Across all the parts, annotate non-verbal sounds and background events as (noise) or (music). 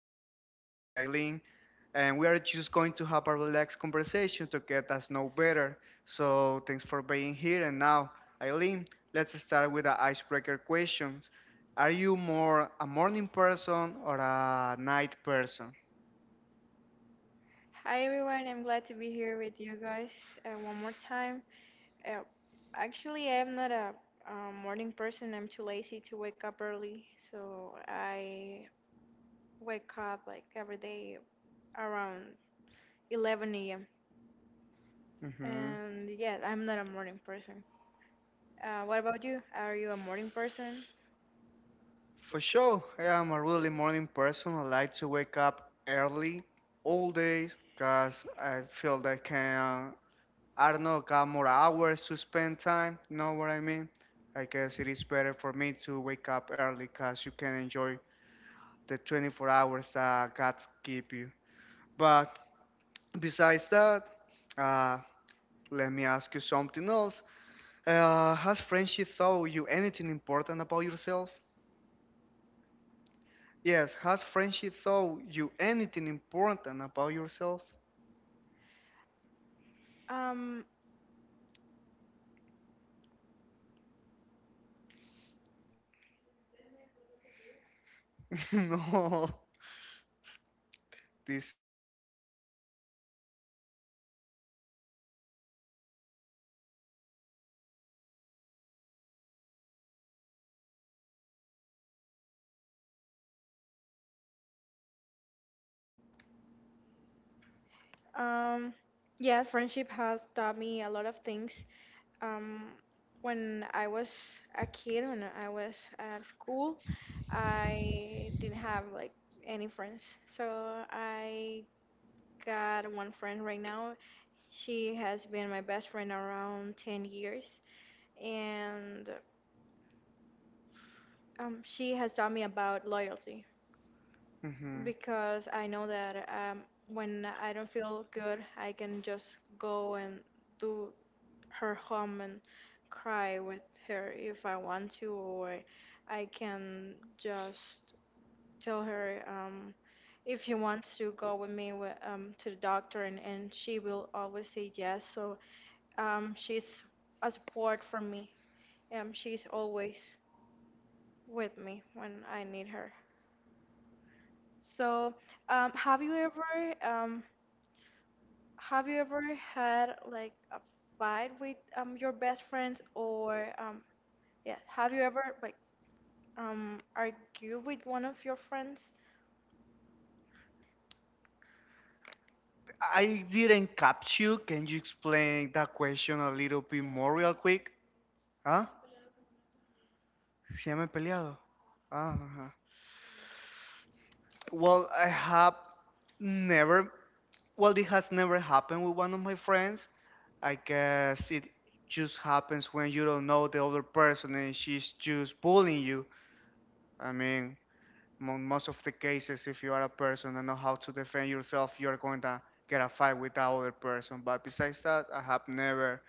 here with my friend Eileen, and we are just going to have a relaxed conversation to get us know better. So thanks for being here. And now, Eileen, let's start with the icebreaker questions. Are you more a morning person or a night person? Hi everyone, I'm glad to be here with you guys one more time. Uh, Actually, I'm not a morning person. I'm too lazy to wake up early, so I wake up like every day around 11 a.m. Hmm. And yes, I'm not a morning person. What about you? Are you a morning person? For sure, I am a really morning person. I like to wake up early all days because I feel that I can, I don't know, got more hours to spend time. You know what I mean? I guess it is better for me to wake up early because you can enjoy the 24 hours that God give you. But besides that, uh, let me ask you something else. Has friendship taught you anything important about yourself? Yes, has friendship taught you anything important about yourself? Um, (laughs) No, this. um, yeah, friendship has taught me a lot of things. Um, when I was a kid, when I was at school, I didn't have like any friends. So I got one friend right now. She has been my best friend around 10 years, and she has taught me about loyalty, Mhm. because I know that when I don't feel good, I can just go and do her home and cry with her if I want to, or I can just tell her, if she wants to go with me to the doctor, and she will always say yes. So she's a support for me. She's always with me when I need her. So um, have you ever um, have you ever had like a fight with your best friends, or yeah, have you ever like argue with one of your friends? I didn't catch you. Can you explain that question a little bit more real quick? Huh? Se me he peleado. Ah, ajá. Well, I have never, well, it has never happened with one of my friends. I guess it just happens when you don't know the other person and she's just bullying you. I mean, mo most of the cases, if you are a person and know how to defend yourself, you're going to get a fight with that other person. But besides that, I have never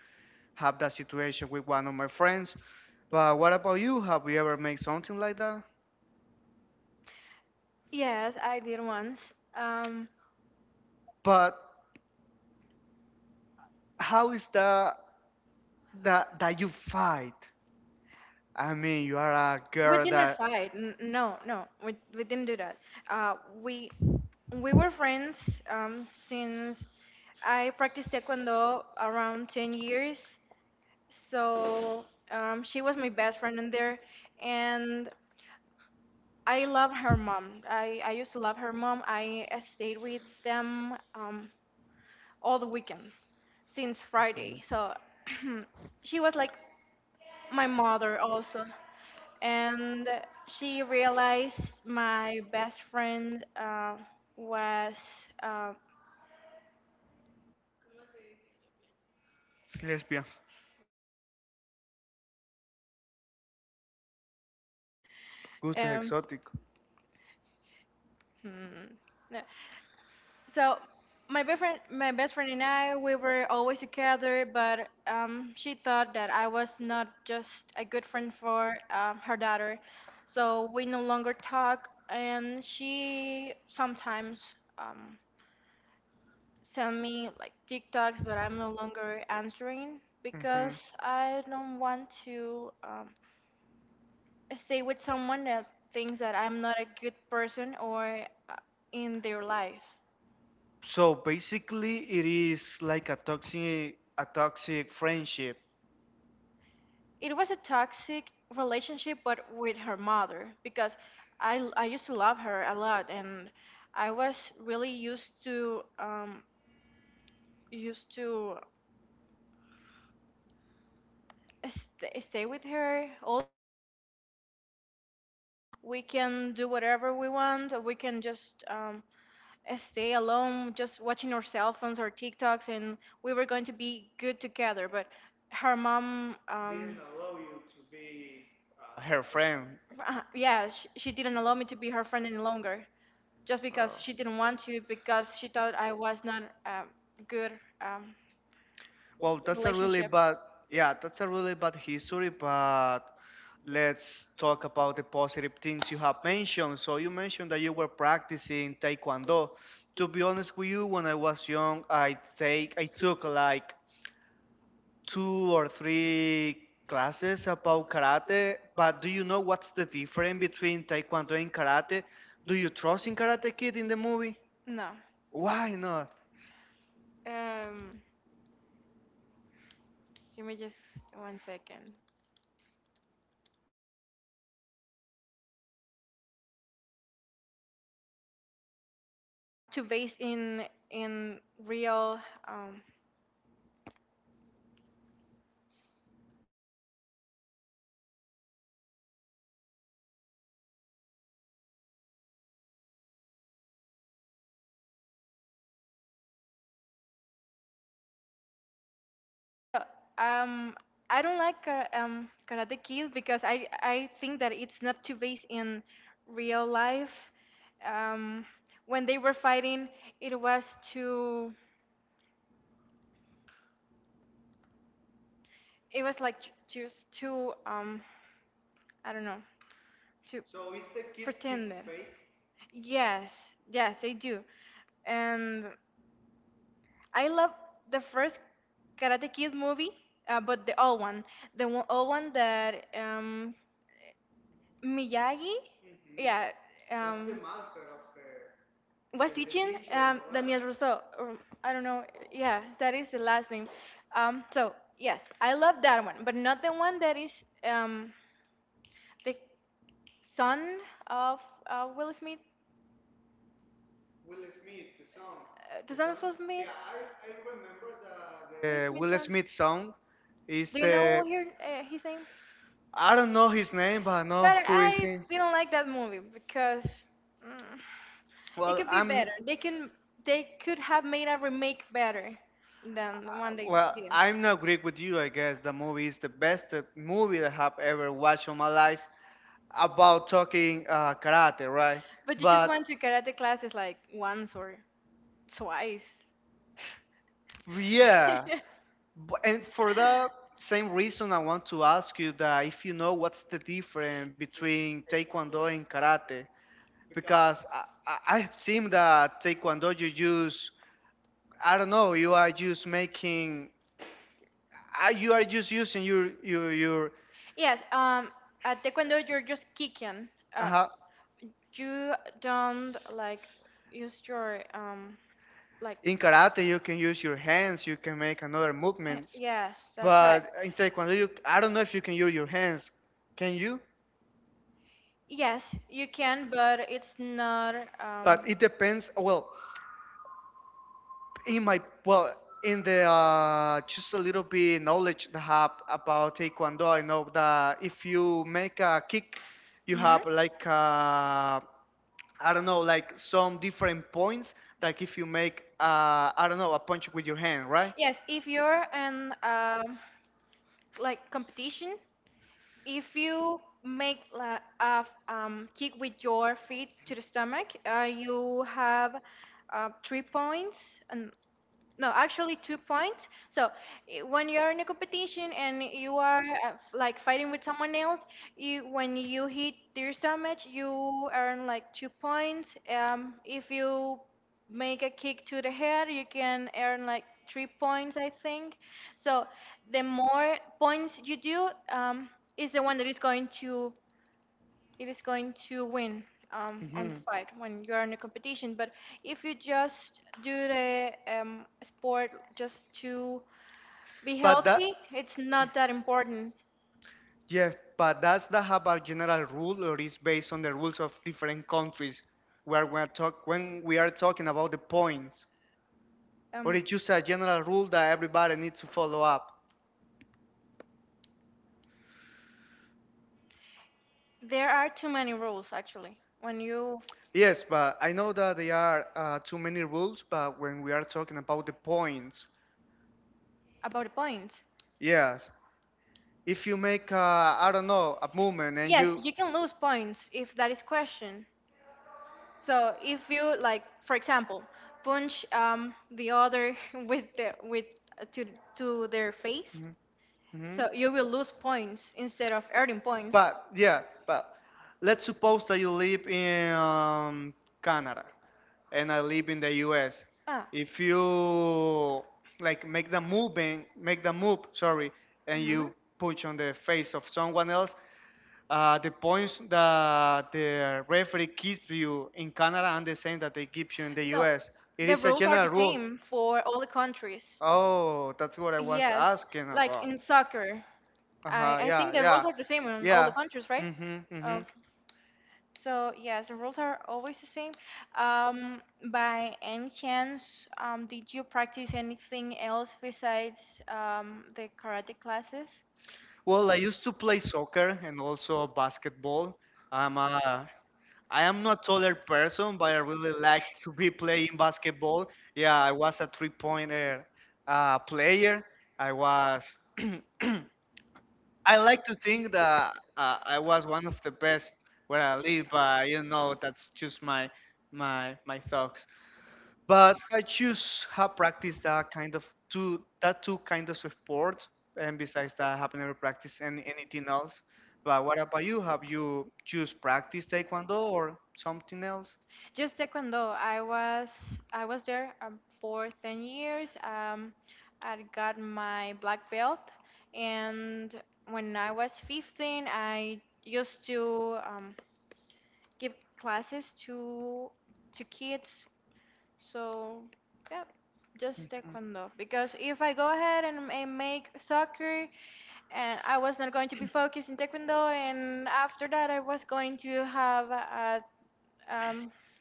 have that situation with one of my friends. But what about you? Have you ever made something like that? Yes, I did once. Um, But how is that that you fight? I mean, you are a we girl did not that fight. No, no, we didn't do that. Uh, we we were friends since I practiced taekwondo around 10 years. So she was my best friend in there, and I love her mom. I used to love her mom. I stayed with them. All the weekend since Friday. So (clears throat) she was like my mother also. And she realized my best friend was uh, lesbian, gustos um, exóticos. hmm, no, So my best friend and I, we were always together, but she thought that I was not just a good friend for her daughter. So we no longer talk, and she sometimes um, send me like TikToks, but I'm no longer answering because Mhm. I don't want to stay with someone that thinks that I'm not a good person or uh, in their life. So basically, it is like a toxic friendship. It was a toxic relationship, but with her mother, because I used to love her a lot, and I was really used to used to stay with her. All we can do whatever we want, or we can just stay alone just watching our cell phones or TikToks, and we were going to be good together. But her mom, Her friend. Yeah, she didn't allow me to be her friend any longer. Just because she didn't want to, because she thought I was not a good um, Well, that's a really relationship. bad, yeah, that's a really bad history, but let's talk about the positive things you have mentioned. So you mentioned that you were practicing Taekwondo. To be honest with you, when I was young, I took like two or three classes about karate, but do you know what's the difference between Taekwondo and karate? Do you trust in Karate Kid in the movie? No. Why not? Um, Give me just one second. To base in real. Um, so, um, I don't like Karate Kid, because I think that it's not to base in real life. Um, when they were fighting, it was too. It was like just too. I don't know. To pretend it. Yes, yes, they do. And I love the first Karate Kid movie, but the old one, the old one that Miyagi, yeah, um, the was teaching Daniel, right? Rousseau. Or, I don't know. Yeah, that is the last name. So yes, I love that one, but not the one that is the son of Will Smith. The song of song? Will Smith, Will the Smith Will song. Smith song is Do you the, know her, his name? I don't know his name, but I know But who is I he. didn't like that movie because it Well, could, well, be better. They could have made a remake better than the one they well, did. I'm not agree with you. I guess the movie is the best movie that I have ever watched in my life about talking karate, right? But you just But went to karate classes like once or twice. (laughs) yeah, and for the same reason, I want to ask you that if you know what's the difference between Taekwondo and karate, because I've seen that Taekwondo you use, I don't know. You are just making. You are just using your. Yes, at taekwondo you're just kicking. Uh, uh Uh, you don't like use your like in karate, you can use your hands. You can make another movements. yes, that's right, But in taekwondo, you, I don't know if you can use your hands. Can you? yes, you can, but it's not But it depends. Well, in the just a little bit knowledge that I have about taekwondo, I know that if you make a kick, you mhm. have like I don't know, like some different points, like if you make, I don't know, a punch with your hand, right? Yes, if you're in like competition, if you make kick with your feet to the stomach, you have 3 points and, no, actually, 2 points. So when you are in a competition and you are like fighting with someone else, you when you hit their damage you earn like 2 points. If you make a kick to the head you can earn like 3 points, I think. So the more points you do is the one that is going to it is going to win on Hmm. the fight when you are in a competition. But if you just do the sport just to be But that, healthy, it's not that important. yeah, but that's the have a general rule, or is based on the rules of different countries. Where we are talk when we are talking about the points, or Um, it's just a general rule that everybody needs to follow up? there are too many rules actually when you Yes, but I know that there are too many rules, but when we are talking about the points, about the points. yes. If you make a, I don't know, a movement and Yes, you, you can lose points if that is questioned. So if you like, for example, punch the other (laughs) with the with uh, to to their face. mhm, mhm. So you will lose points instead of earning points. But yeah, but let's suppose that you live in Canada and I live in the US. Ah. If you like make the moving, make the move, sorry, and you Mhm. punch on the face of someone else, the points that the referee gives you in Canada and the same that they give you in the No, US. It the is a rules are general the rule. same for all the countries. Oh, that's what I was Yes, asking like about. in soccer, Uh I huh. I think Yeah. the Yeah. rules are the same in all the Yeah. countries, right? Mhm. Mhm. So yes, the rules are always the same. Um, by any chance, did you practice anything else besides the karate classes? Well, I used to play soccer and also basketball. I'm a I am not taller person, but I really like to be playing basketball. Yeah, I was a three-pointer player. I was (clears throat) I like to think that I was one of the best where I live, but you know that's just my thoughts. But I choose have practiced that two kind of sports, and besides that, I have never practiced anything else. But what about you? Have you choose practice taekwondo or something else? Just taekwondo. I was there for 10 years. I got my black belt, and when I was 15, I used to give classes to kids. So, yep, just taekwondo. Because if I go ahead and make soccer, and I was not going to be focused in taekwondo, and after that I was going to have a um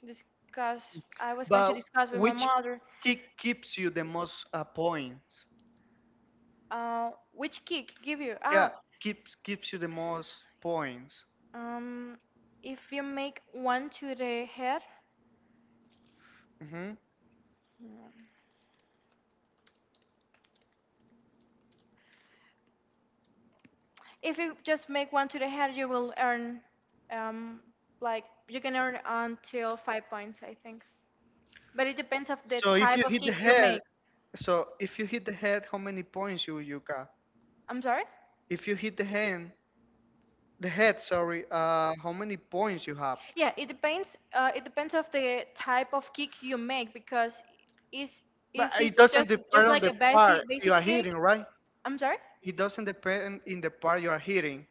discuss. I was going to But discuss with my which mother. kick keeps you the most points? Which kick give you? Yeah, keeps you the most points. um, if you make one to the head. Mm-hmm. Mm, If you just make one to the head, you will earn, um, like you can earn until 5 points, I think. But it depends of the So if type you of hit the kick you head, make. so if you hit the head, how many points you got? I'm sorry? If you hit the hand, the head, sorry, how many points you have? Yeah, it depends. It depends of the type of kick you make because is if But it's it doesn't just depend on like the a part basic you basic are kick. hitting, right? I'm sorry? It doesn't depend in the part you are hitting.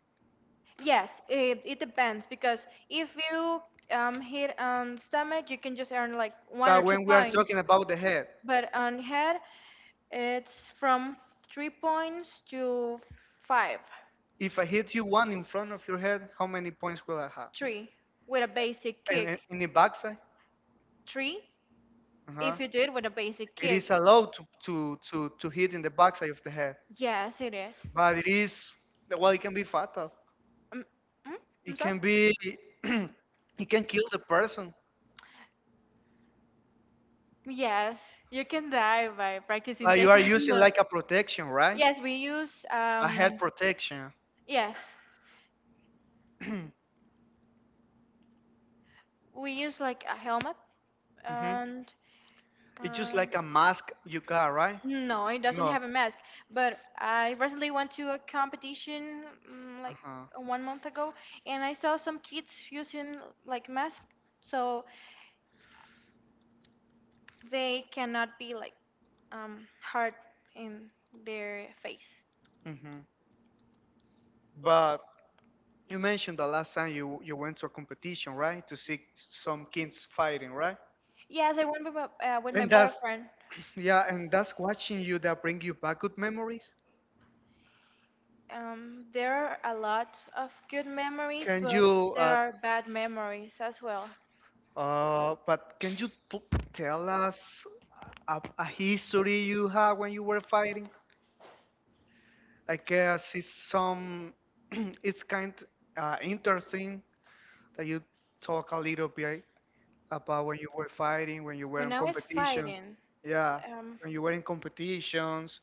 Yes, it depends because if you hit on stomach, you can just earn like one or But two when we are points. talking about the head, But on head, it's from 3 points to five. if I hit you one in front of your head, how many points will I have? Three with a basic And kick. and in the backside, Three if uh-huh. you do it with a basic It kick. is allowed to hit in the backside of the head, Yes, it is. but it is well, it can be fatal. Um, mm? I'm It can sorry? be, (clears throat) (clears throat) it can kill the person. Yes, you can die by practicing But you are using taekwondo. like a (laughs) protection, right? Yes, A head protection. yes, (clears throat) we use like a helmet, Hmm. and It's just um, like a mask you got, right? no, it doesn't No. have a mask. But I recently went to a competition like Uh-huh. one month ago, and I saw some kids using like mask, so they cannot be like hard in their face. Hmm. But you mentioned the last time you went to a competition, right? To see some kids fighting, right? Yes, I went with with my And that's boyfriend. (clears throat) yeah, and that's watching you that bring you back good memories. There are a lot of good memories, Can but you there are bad memories as well. But can you p tell us a history you had when you were fighting? I guess it's some, (clears throat) it's kind interesting that you talk a little bit about when you were fighting, when you were in When I was competition. fighting, Yeah, um, when you were in competitions,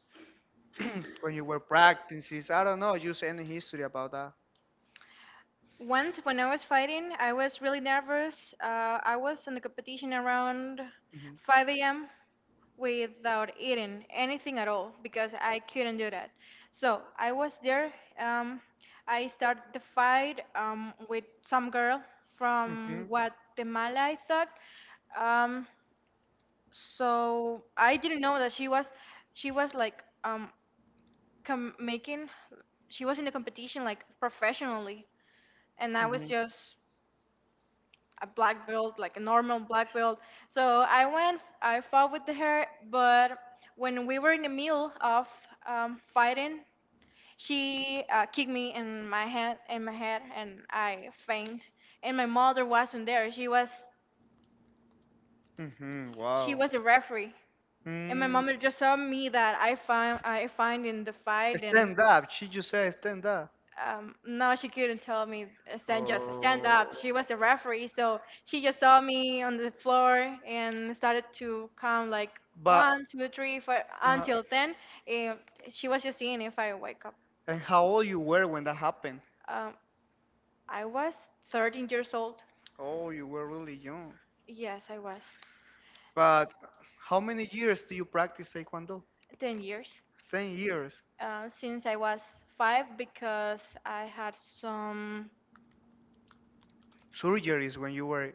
(clears throat) when you were practices. I don't know, just any history about that. Once, when I was fighting, I was really nervous. I was in the competition around Hmm. 5 a.m. without eating anything at all because I couldn't do that. So I was there. Um, I started the fight with some girl from Hmm. Guatemala, I thought. Um, so I didn't know that she was like com- making she was in the competition like professionally, and I was just a black belt, like a normal black belt. So I went, I fought with her, but when we were in the middle of fighting, she kicked me in my head, and I faint. And my mother wasn't there. She was, Hmm. Hmm. she Wow. was a referee. And my Mm. mother just saw me that I find in the fight, and Stand up. She just said stand up. No, she couldn't tell me stand just stand Oh. up. She was a referee, so she just saw me on the floor and started to count like But one, two, three, four uh, until ten. And she was just seeing if I wake up. and how old you were when that happened? Um, I was 13 years old. Oh, you were really young. Yes, I was But how many years do you practice Taekwondo? 10 years 10 years. Since I was 5 because I had some. Surgeries when you were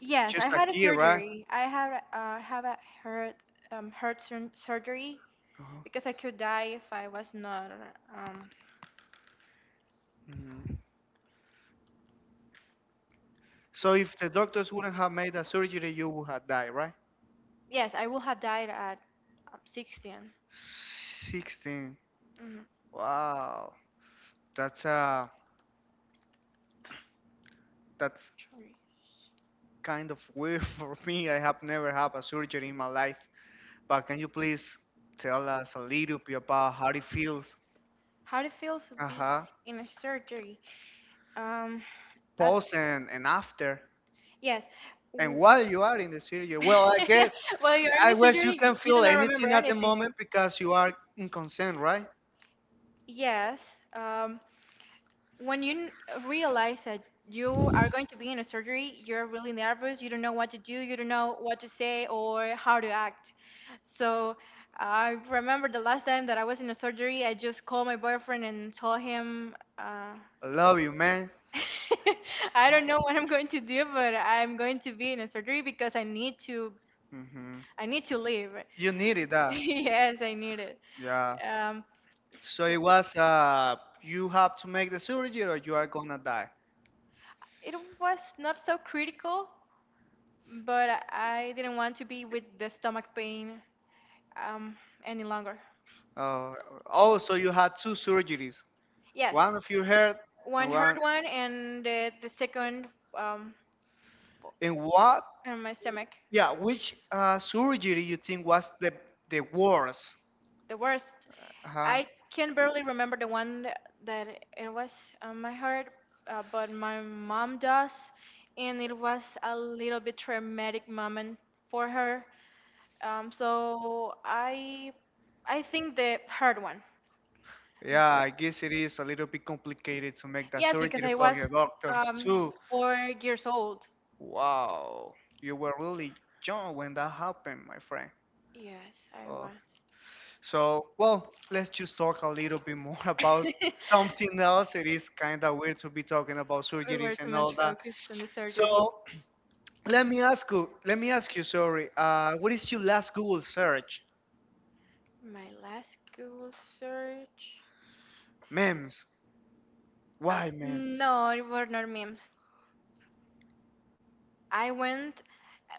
Yes, just I a had a kid, right? surgery. I had have a heart surgery Oh, because I could die if I was not. Um, mhm. So if the doctors wouldn't have made a surgery, you would have died, right? yes, I would have died at 16. 16. Mm-hmm. Wow. That's uh that's Sorry. kind of weird (laughs) for me. I have never had a surgery in my life. But can you please tell us a little bit about how it feels How it feels to be uh-huh. in a surgery? Um, at, post and after? yes. And w- while you are in the surgery, well, (laughs) While you're in I the guess you surgery, you can you do feel not remember anything at the anything. moment (laughs) because you are in consent, right? Yes. Um, when you realize that you are going to be in a surgery, you're really nervous. You don't know what to do. You don't know what to say or how to act. So I remember the last time that I was in a surgery, I just called my boyfriend and told him, I love you, man. (laughs) I don't know what I'm going to do, but I'm going to be in a surgery because I need to. Hmm. I need to leave. You needed (laughs) that. Yes, I need it. Yeah. Um, So so it was you have to make the surgery or you are gonna die. it was not so critical, but I didn't want to be with the stomach pain um, any longer. Uh, oh, so you had two surgeries, Yes, one of your head and one hard one. one, and the second, um, In what? in my stomach, Yeah, which surgery you think was the worst? the worst. Uh-huh. I can barely remember the one that it was on my heart, but my mom does, and it was a little bit traumatic moment for her. Um, so I, I think the hard one. Yeah, I guess it is a little bit complicated to make that Yes, because surgery I for was the doctors too. 4 years old. Wow, you were really young when that happened, my friend. Yes, I Oh. was. So, well, let's just talk a little bit more (laughs) about something (laughs) else. It is kind of weird to be talking about We were surgeries too and all much that. focused on the So, surgery. Let me ask you. Sorry. What is your last Google search? My last Google search. Memes. Um, Why memes? no, it were not memes. I went.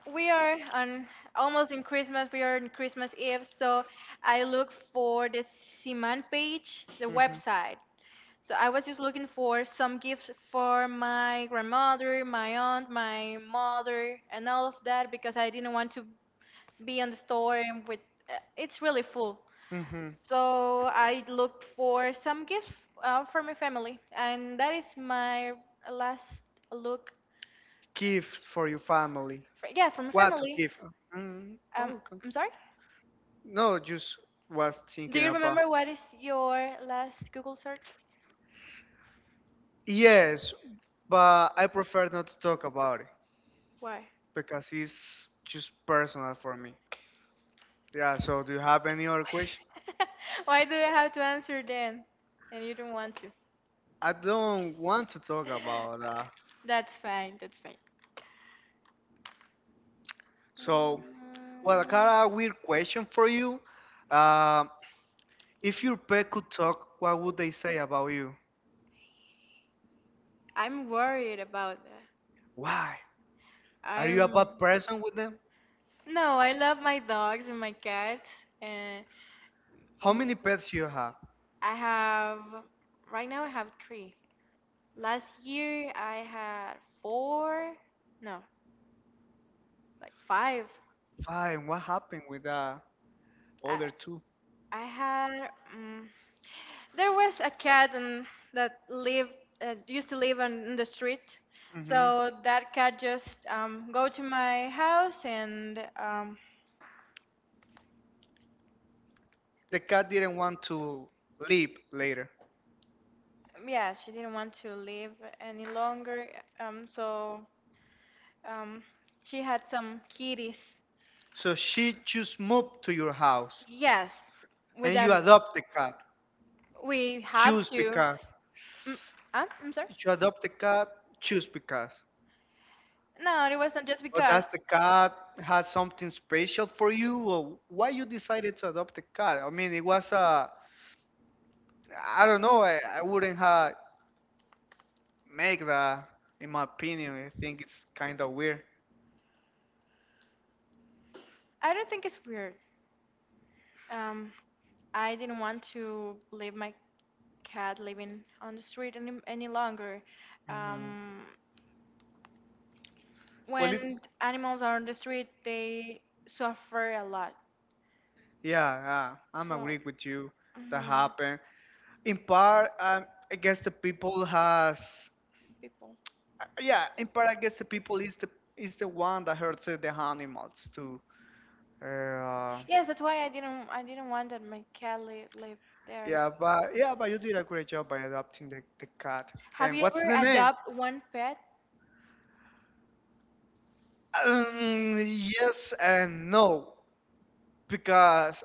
We are on almost in Christmas. We are in Christmas Eve, so I look for the Siman page, the Mhm. website. So I was just looking for some gifts for my grandmother, my aunt, my mother, and all of that because I didn't want to be on the store and with, it's really full. Mhm. So I looked for some gifts for my family, and that is my last look. Gifts for your family. For, yeah, for my What to family. give? Mm, Um, okay. I'm sorry. No, just was Do thinking you about. remember what is your last Google search? Yes, but I prefer not to talk about it Why? because it's just personal for me. Yeah. So, do you have any other question? (laughs) Why do I have to answer then? And you don't want to. I don't want to talk about that. That's fine. That's fine. So, well, I Mm, got a weird question for you. Um, if your pet could talk, what would they say about you? I'm worried about that. Why? Are you a I'm bad person with them? no, I love my dogs and my cats, and How many pets you have? I have right now I have three. Last year I had four, no, like five. Five. What happened with the I other 2? I had, um, there was a cat that lived used to live on in the street. Hmm. So that cat just go to my house, and The cat didn't want to leave later, yeah, she didn't want to live any longer. So um, she had some kitties. so she just moved to your house, Yes, and without you adopt the cat. we have Choose to. because Mm, huh? I'm sorry. you adopt the cat. Choose because. No, it wasn't just Oh, because. does the cat had something special for you? Or why you decided to adopt the cat? I mean, it was a, I don't know. I wouldn't have make that. In my opinion, I think it's kind of weird. I don't think it's weird. Um, I didn't want to leave my cat living on the street any longer. Hmm. Um, Well, it, when animals are on the street, they suffer a lot. yeah, yeah, I'm So, agree with you. That mhm, happened. In part, I guess the people has, people. Yeah, in part, I guess the people is the one that hurts the animals too. Uh, Yes, that's why I didn't want that my cat live there. Yeah, but yeah, but you did a great job by adopting the cat. Have And you what's ever the name? adopted one pet? Um, yes and no, because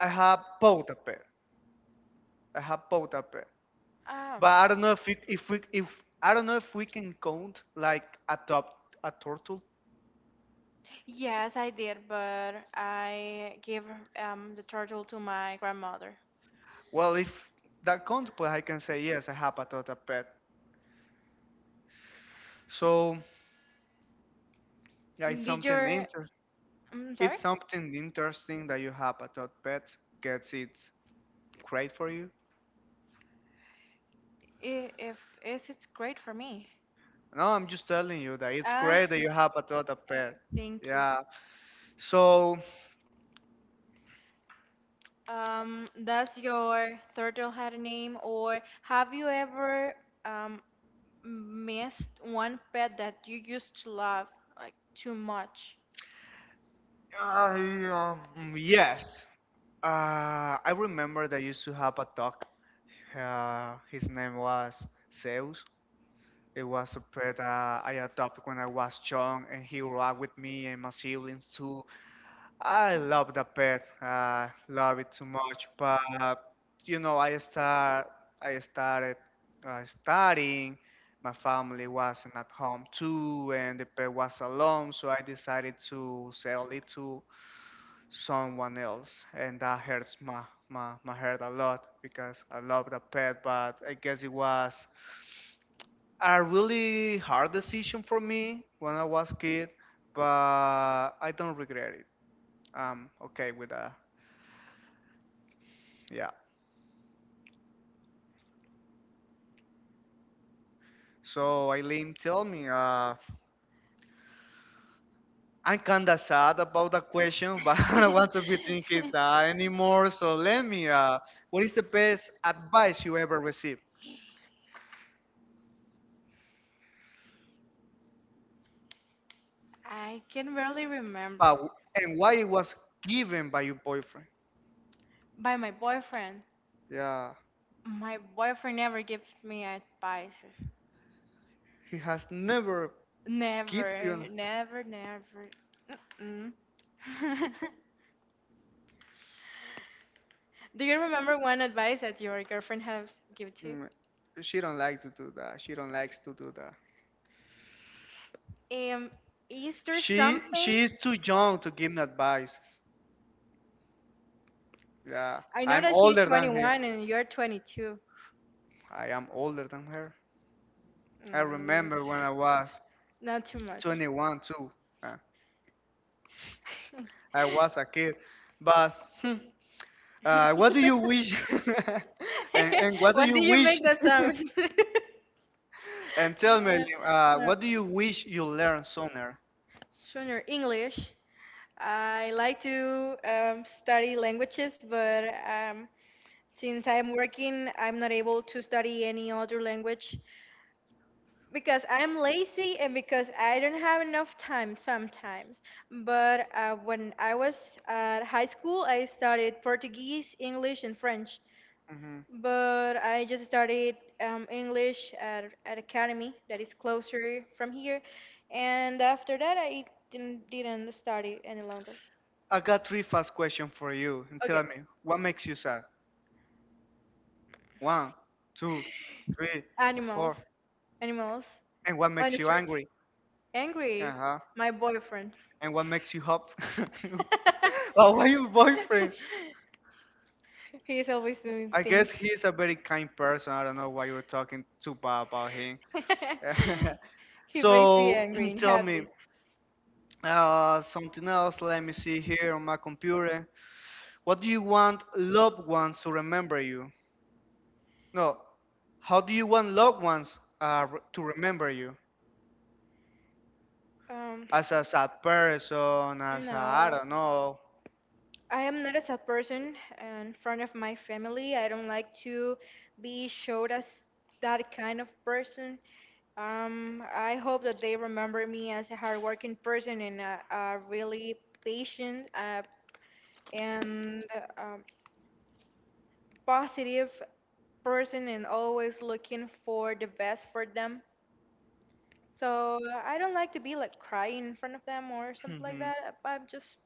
I have both a pet. I have both a pet, but Oh. I don't know if it, if I don't know if we can count like adopt a turtle. Yes, I did, but I gave, the turtle to my grandmother. Well, if that counts, but I can say yes, I have a turtle pet. So yeah, it's Did something your interesting. I'm sorry? It's something interesting that you have a turtle pet. Gets it's great for you. I- If is It's great for me. No, I'm just telling you that it's Ah, great that you have a total pet. thank you. Yeah. So, Does your turtle had a name, or have you ever um missed one pet that you used to love like too much? I, yes. I remember that I used to have a dog. His name was Zeus. It was a pet I adopted when I was young, and he rocked with me and my siblings too. I love the pet. I love it too much. But you know, I started studying. My family wasn't at home too, and the pet was alone. So I decided to sell it to someone else, and that hurts my heart a lot because I love the pet. But I guess it was a really hard decision for me when I was kid. But I don't regret it. I'm okay with that. Yeah. So Eileen, tell me, I'm kinda sad about the question, but (laughs) I don't want to be thinking that anymore. So let me, (laughs) what is the best advice you ever received, I can barely uh, remember. and why it was given by your boyfriend? By my boyfriend. Yeah, My boyfriend never gives me advice. he has never give Never, you. never, never. Mm-mm. (laughs) Do you remember one advice that your girlfriend has given to Mm. She don't like to do that. She don't likes to do that. you? Is there She something? is too young to give me advice. Yeah, I know I'm that she's older than her. 21 and you're 22. I am older than her. I Mm, remember when I was Not too much. 21 too. (laughs) Uh, I was a kid, but hmm, what do you (laughs) wish? (laughs) And what do Why you do you wish? make that sound? (laughs) (laughs) And tell me, what do you wish you Uh, learned sooner? Junior English. I like to study languages, but since I'm working, I'm not able to study any other language because I'm lazy and because I don't have enough time sometimes. But when I was at high school, I studied Portuguese, English, and French, Hmm but I just studied English at academy that is closer from here, and after that I didn't study any longer. I got three fast questions for you, and Okay, tell me what makes you sad. One, two, three, animals, four, animals and what on the makes you streets, angry? Uh angry. huh. My boyfriend. And what makes you hope? (laughs) Oh, (laughs) why your boyfriend? He's always doing I things. guess he's a very kind person. I don't know why you're talking too bad about him. (laughs) (laughs) He makes me So angry (clears throat) and tell me happy. Something else. Let me see here on my computer. What do you want loved ones to remember you? No, how do you want loved ones to remember you? Um, As a sad person, as a, I No, don't know. (laughs) I am not a sad person in front of my family. I don't like to be showed as that kind of person. I hope that they remember me as a hardworking person and a really patient and um, positive person, and always looking for the best for them. So I don't like to be like crying in front of them or something like Mhm. that. I'm just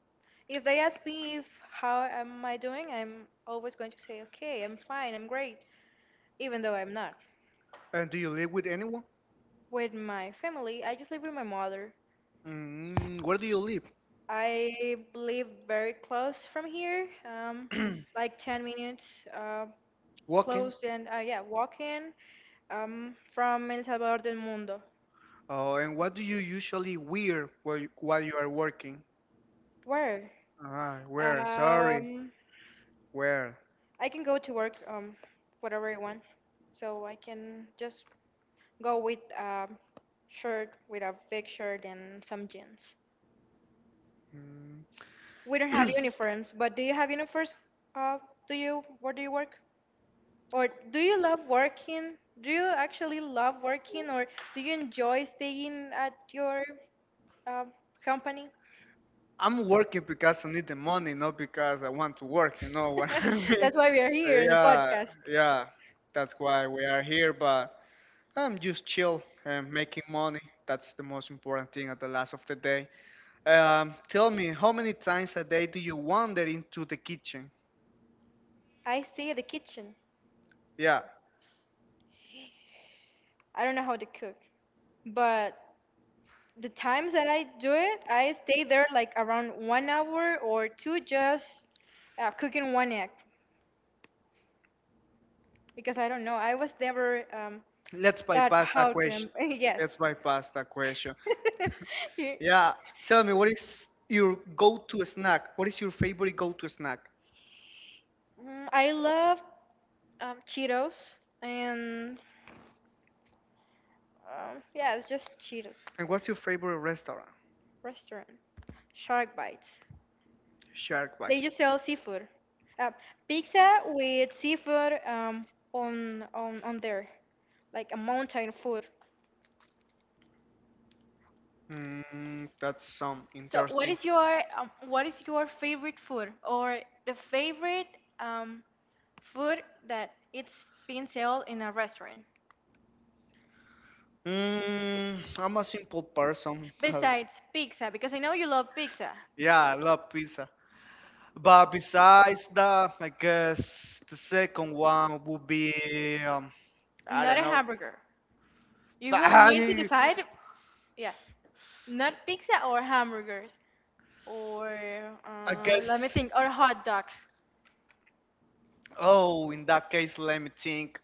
if they ask me if how am I doing, I'm always going to say, okay, I'm fine, I'm great, even though I'm not. And do you live with anyone? With my family, I just live with my mother. Mm, where do you live? I live very close from here, like 10 minutes uh, Walking. close, and yeah, walking from El Salvador del Mundo. Oh, and what do you usually wear while you, are working? Where? Ah, where? Sorry, Um, where? I can go to work whatever I want, so I can just go with a shirt, with a big shirt and some jeans. Mm, We don't have uniforms, but do you have uniforms? Uh, do you Where do you work? Or do you love working? Do you actually love working, or do you enjoy staying at your um, company? I'm working because I need the money, not because I want to work. You know what (laughs) I (laughs) mean? That's why we are here in the Yeah, podcast. yeah. That's why we are here. But I'm just chill and making money. That's the most important thing at the last of the day. Tell me, how many times a day do you wander into the kitchen? I stay at the kitchen. Yeah, I don't know how to cook, but the times that I do it, I stay there like around 1 hour or two just cooking one egg because I don't know. I was never let's taught bypass that how to. Question. (laughs) Yes. (laughs) Let's bypass that question. You- Yeah. Tell me, what is your go-to snack? What is your favorite go-to snack? I love Cheetos, and yeah, it's just Cheetos And what's your favorite restaurant? restaurant. Shark bites. Shark They bites. just sell seafood, uh, pizza with seafood on there, like a mountain food. Mm, that's some So, what interesting. is your, favorite food, or the favorite um, food that it's being sold in a restaurant Mm, I'm a simple person. (laughs) besides pizza? Because I know you love pizza, Yeah, I love pizza. But besides that, I guess the second one would be I not don't a know. hamburger. You But will need to decide. Yes, not pizza or hamburgers or, I let me guess. think, or hot dogs. Oh, in that case, let me think.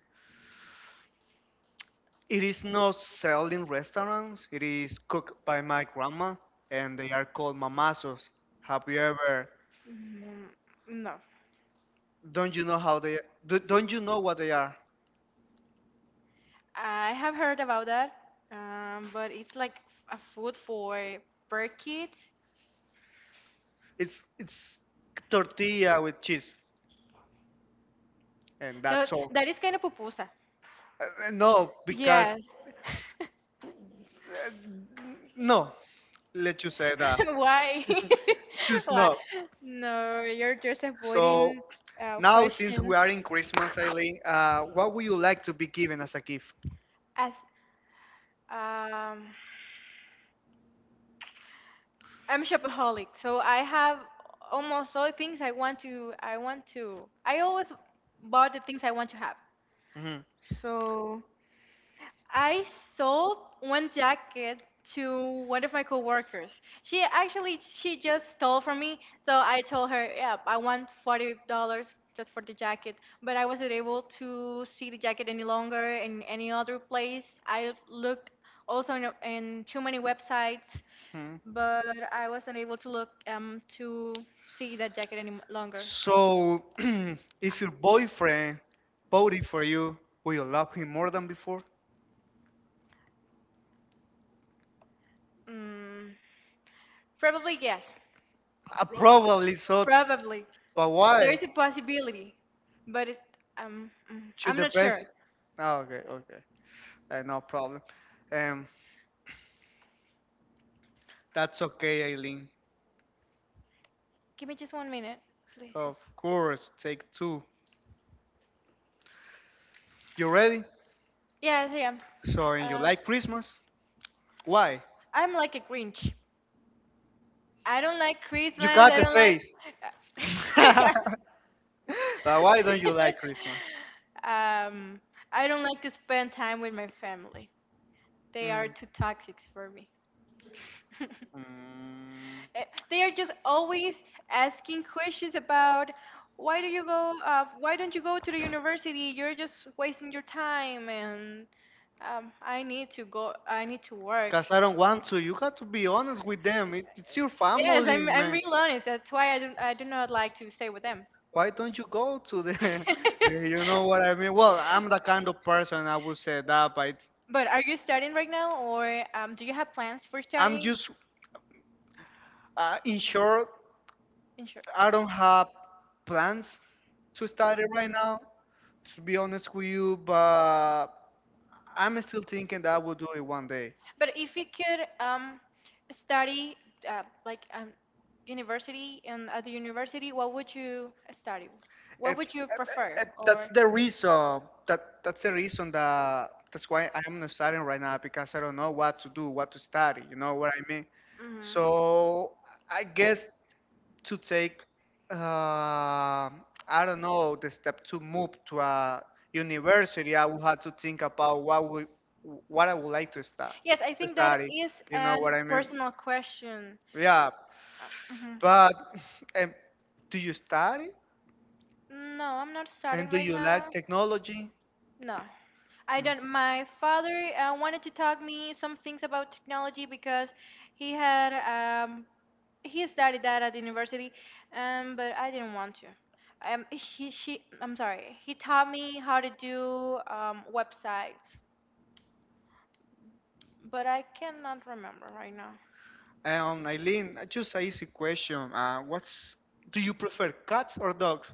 It is not sold in restaurants. It is cooked by my grandma, and they are called mamazos. Have you ever? Mm, No, Don't you know how they? Don't you know what they are? I have heard about that, but it's like a food for per kid. It's tortilla with cheese, and So that's all. that is kind of pupusa. No, because Yes. (laughs) uh, no. Let you say that. Why? (laughs) Just Why? no. No, you're just So avoiding now, since questions. we are in Christmas, Eileen, what would you like to be given as a gift? As um, I'm shopaholic, so I have almost all things I want to. I want to. I always bought the things I want to have. Hmm So I sold one jacket to one of my coworkers. She actually she just stole from me, so I told her, "Yeah, I want $40 just for the jacket." But I wasn't able to see the jacket any longer in any other place. I looked also in too many websites, hmm but I wasn't able to look to see that jacket any longer. So, (clears throat) if your boyfriend voted for you, will you love him more than before? Mm, Probably yes. Probably so, Probably. but There why? is a possibility, but it's Should I'm not depend. sure. Oh, okay, no problem. Um, that's okay, Aileen. Give me just 1 minute, please. Of course, take two. You ready? Yes, I am. So, and you Uh, like Christmas? Why? I'm like a Grinch. I don't like You Christmas. got I the don't like. face. (laughs) But (laughs) why don't you like Christmas? um, I don't like to spend time with my family. They are Mm. too toxic for me. (laughs) Mm. Eh, They are just always asking questions about why don't you go to the university? You're just wasting your time, and I need to go. I need to work. Cause I don't want to. You got to be honest with them. It's your Yes, family, I'm man. real honest. That's why I do not like to stay with them. Why don't you go to the? (laughs) Eh, (laughs) you know what I mean? Well, I'm the kind of person I would say that, but it's But are you studying right now, or do you have plans for I'm studying? just in short, I don't have plans to start it right now, to be honest with you, but I'm still thinking that I will do it one day. But if you could study like university and at the university, what would you study? What It, would you it, prefer? it, that's Or the reason that that's the reason that that's why I'm not studying right now because I don't know what to do, what to study. You know what I mean? mhm. So I guess to take uh, I don't know the step to move to a university, I would have to think about what I would like to start Yes, I to think that study. is You know an what I mean? personal question. Yeah, Mhm. but (laughs) and do you study No, I'm not studying and do right you now. like technology? No, I Mm. don't. My father wanted to talk me some things about technology because he had um, he studied that at the university, but I didn't want to. She, I'm sorry. He taught me how to do websites, but I cannot remember right now. Eileen, just an easy question. What's do you prefer cats or dogs?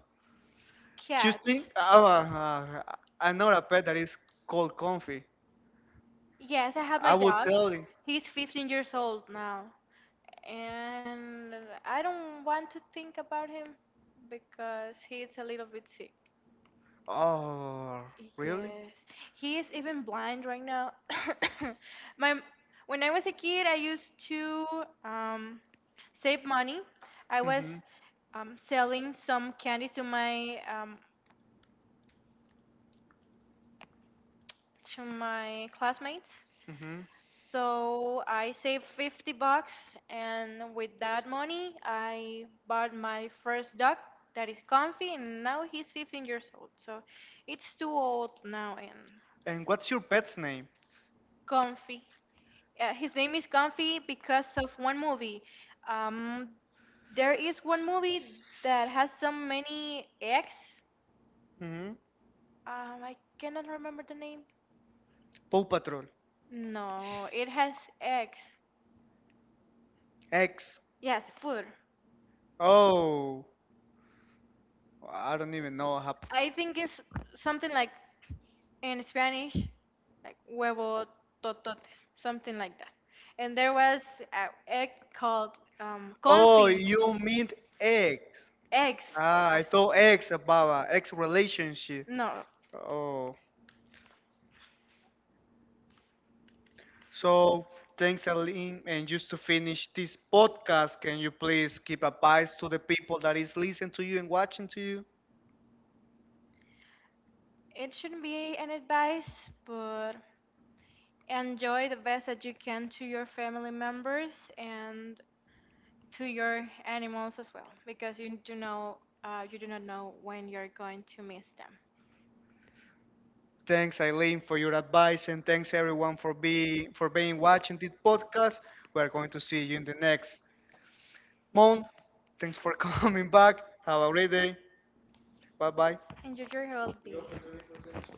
Do you Cat. think another pet that is called Comfy? Yes, I have I my will dog. tell you. He's 15 years old now, and I don't want to think about him because he's a little bit sick. Oh, really? Yes. He is even blind right now. (coughs) My When I was a kid, I used to um, save money. I was Mm-hmm. Selling some candies to my classmates. Mm-hmm. So I saved 50 bucks, and with that money, I bought my first dog that is Comfy, and now he's 15 years old. So it's too old now and And what's your pet's name? Comfy. His name is Comfy because of one movie. Um, there is one movie that has so many X. Mm-hmm. I cannot remember the name. Paw Patrol. No, it has X. X. Yes, food. Oh, I don't even know how. I think it's something like in Spanish, like huevo tototes, something like that. And there was an egg called Oh, confit you mean X. eggs. Ah, Uh, I thought X about X relationship. No, Oh. So, thanks, Aline. And just to finish this podcast, can you please give advice to the people that is listening to you and watching to you? it shouldn't be an advice, but enjoy the best that you can to your family members and to your animals as well, because you do not know when you're going to miss them. Thanks, Eileen, for your advice, and thanks everyone for being watching this podcast. We are going to see you in the next month. Thanks for (laughs) coming back. Have a great day. Bye bye. Enjoy your holidays.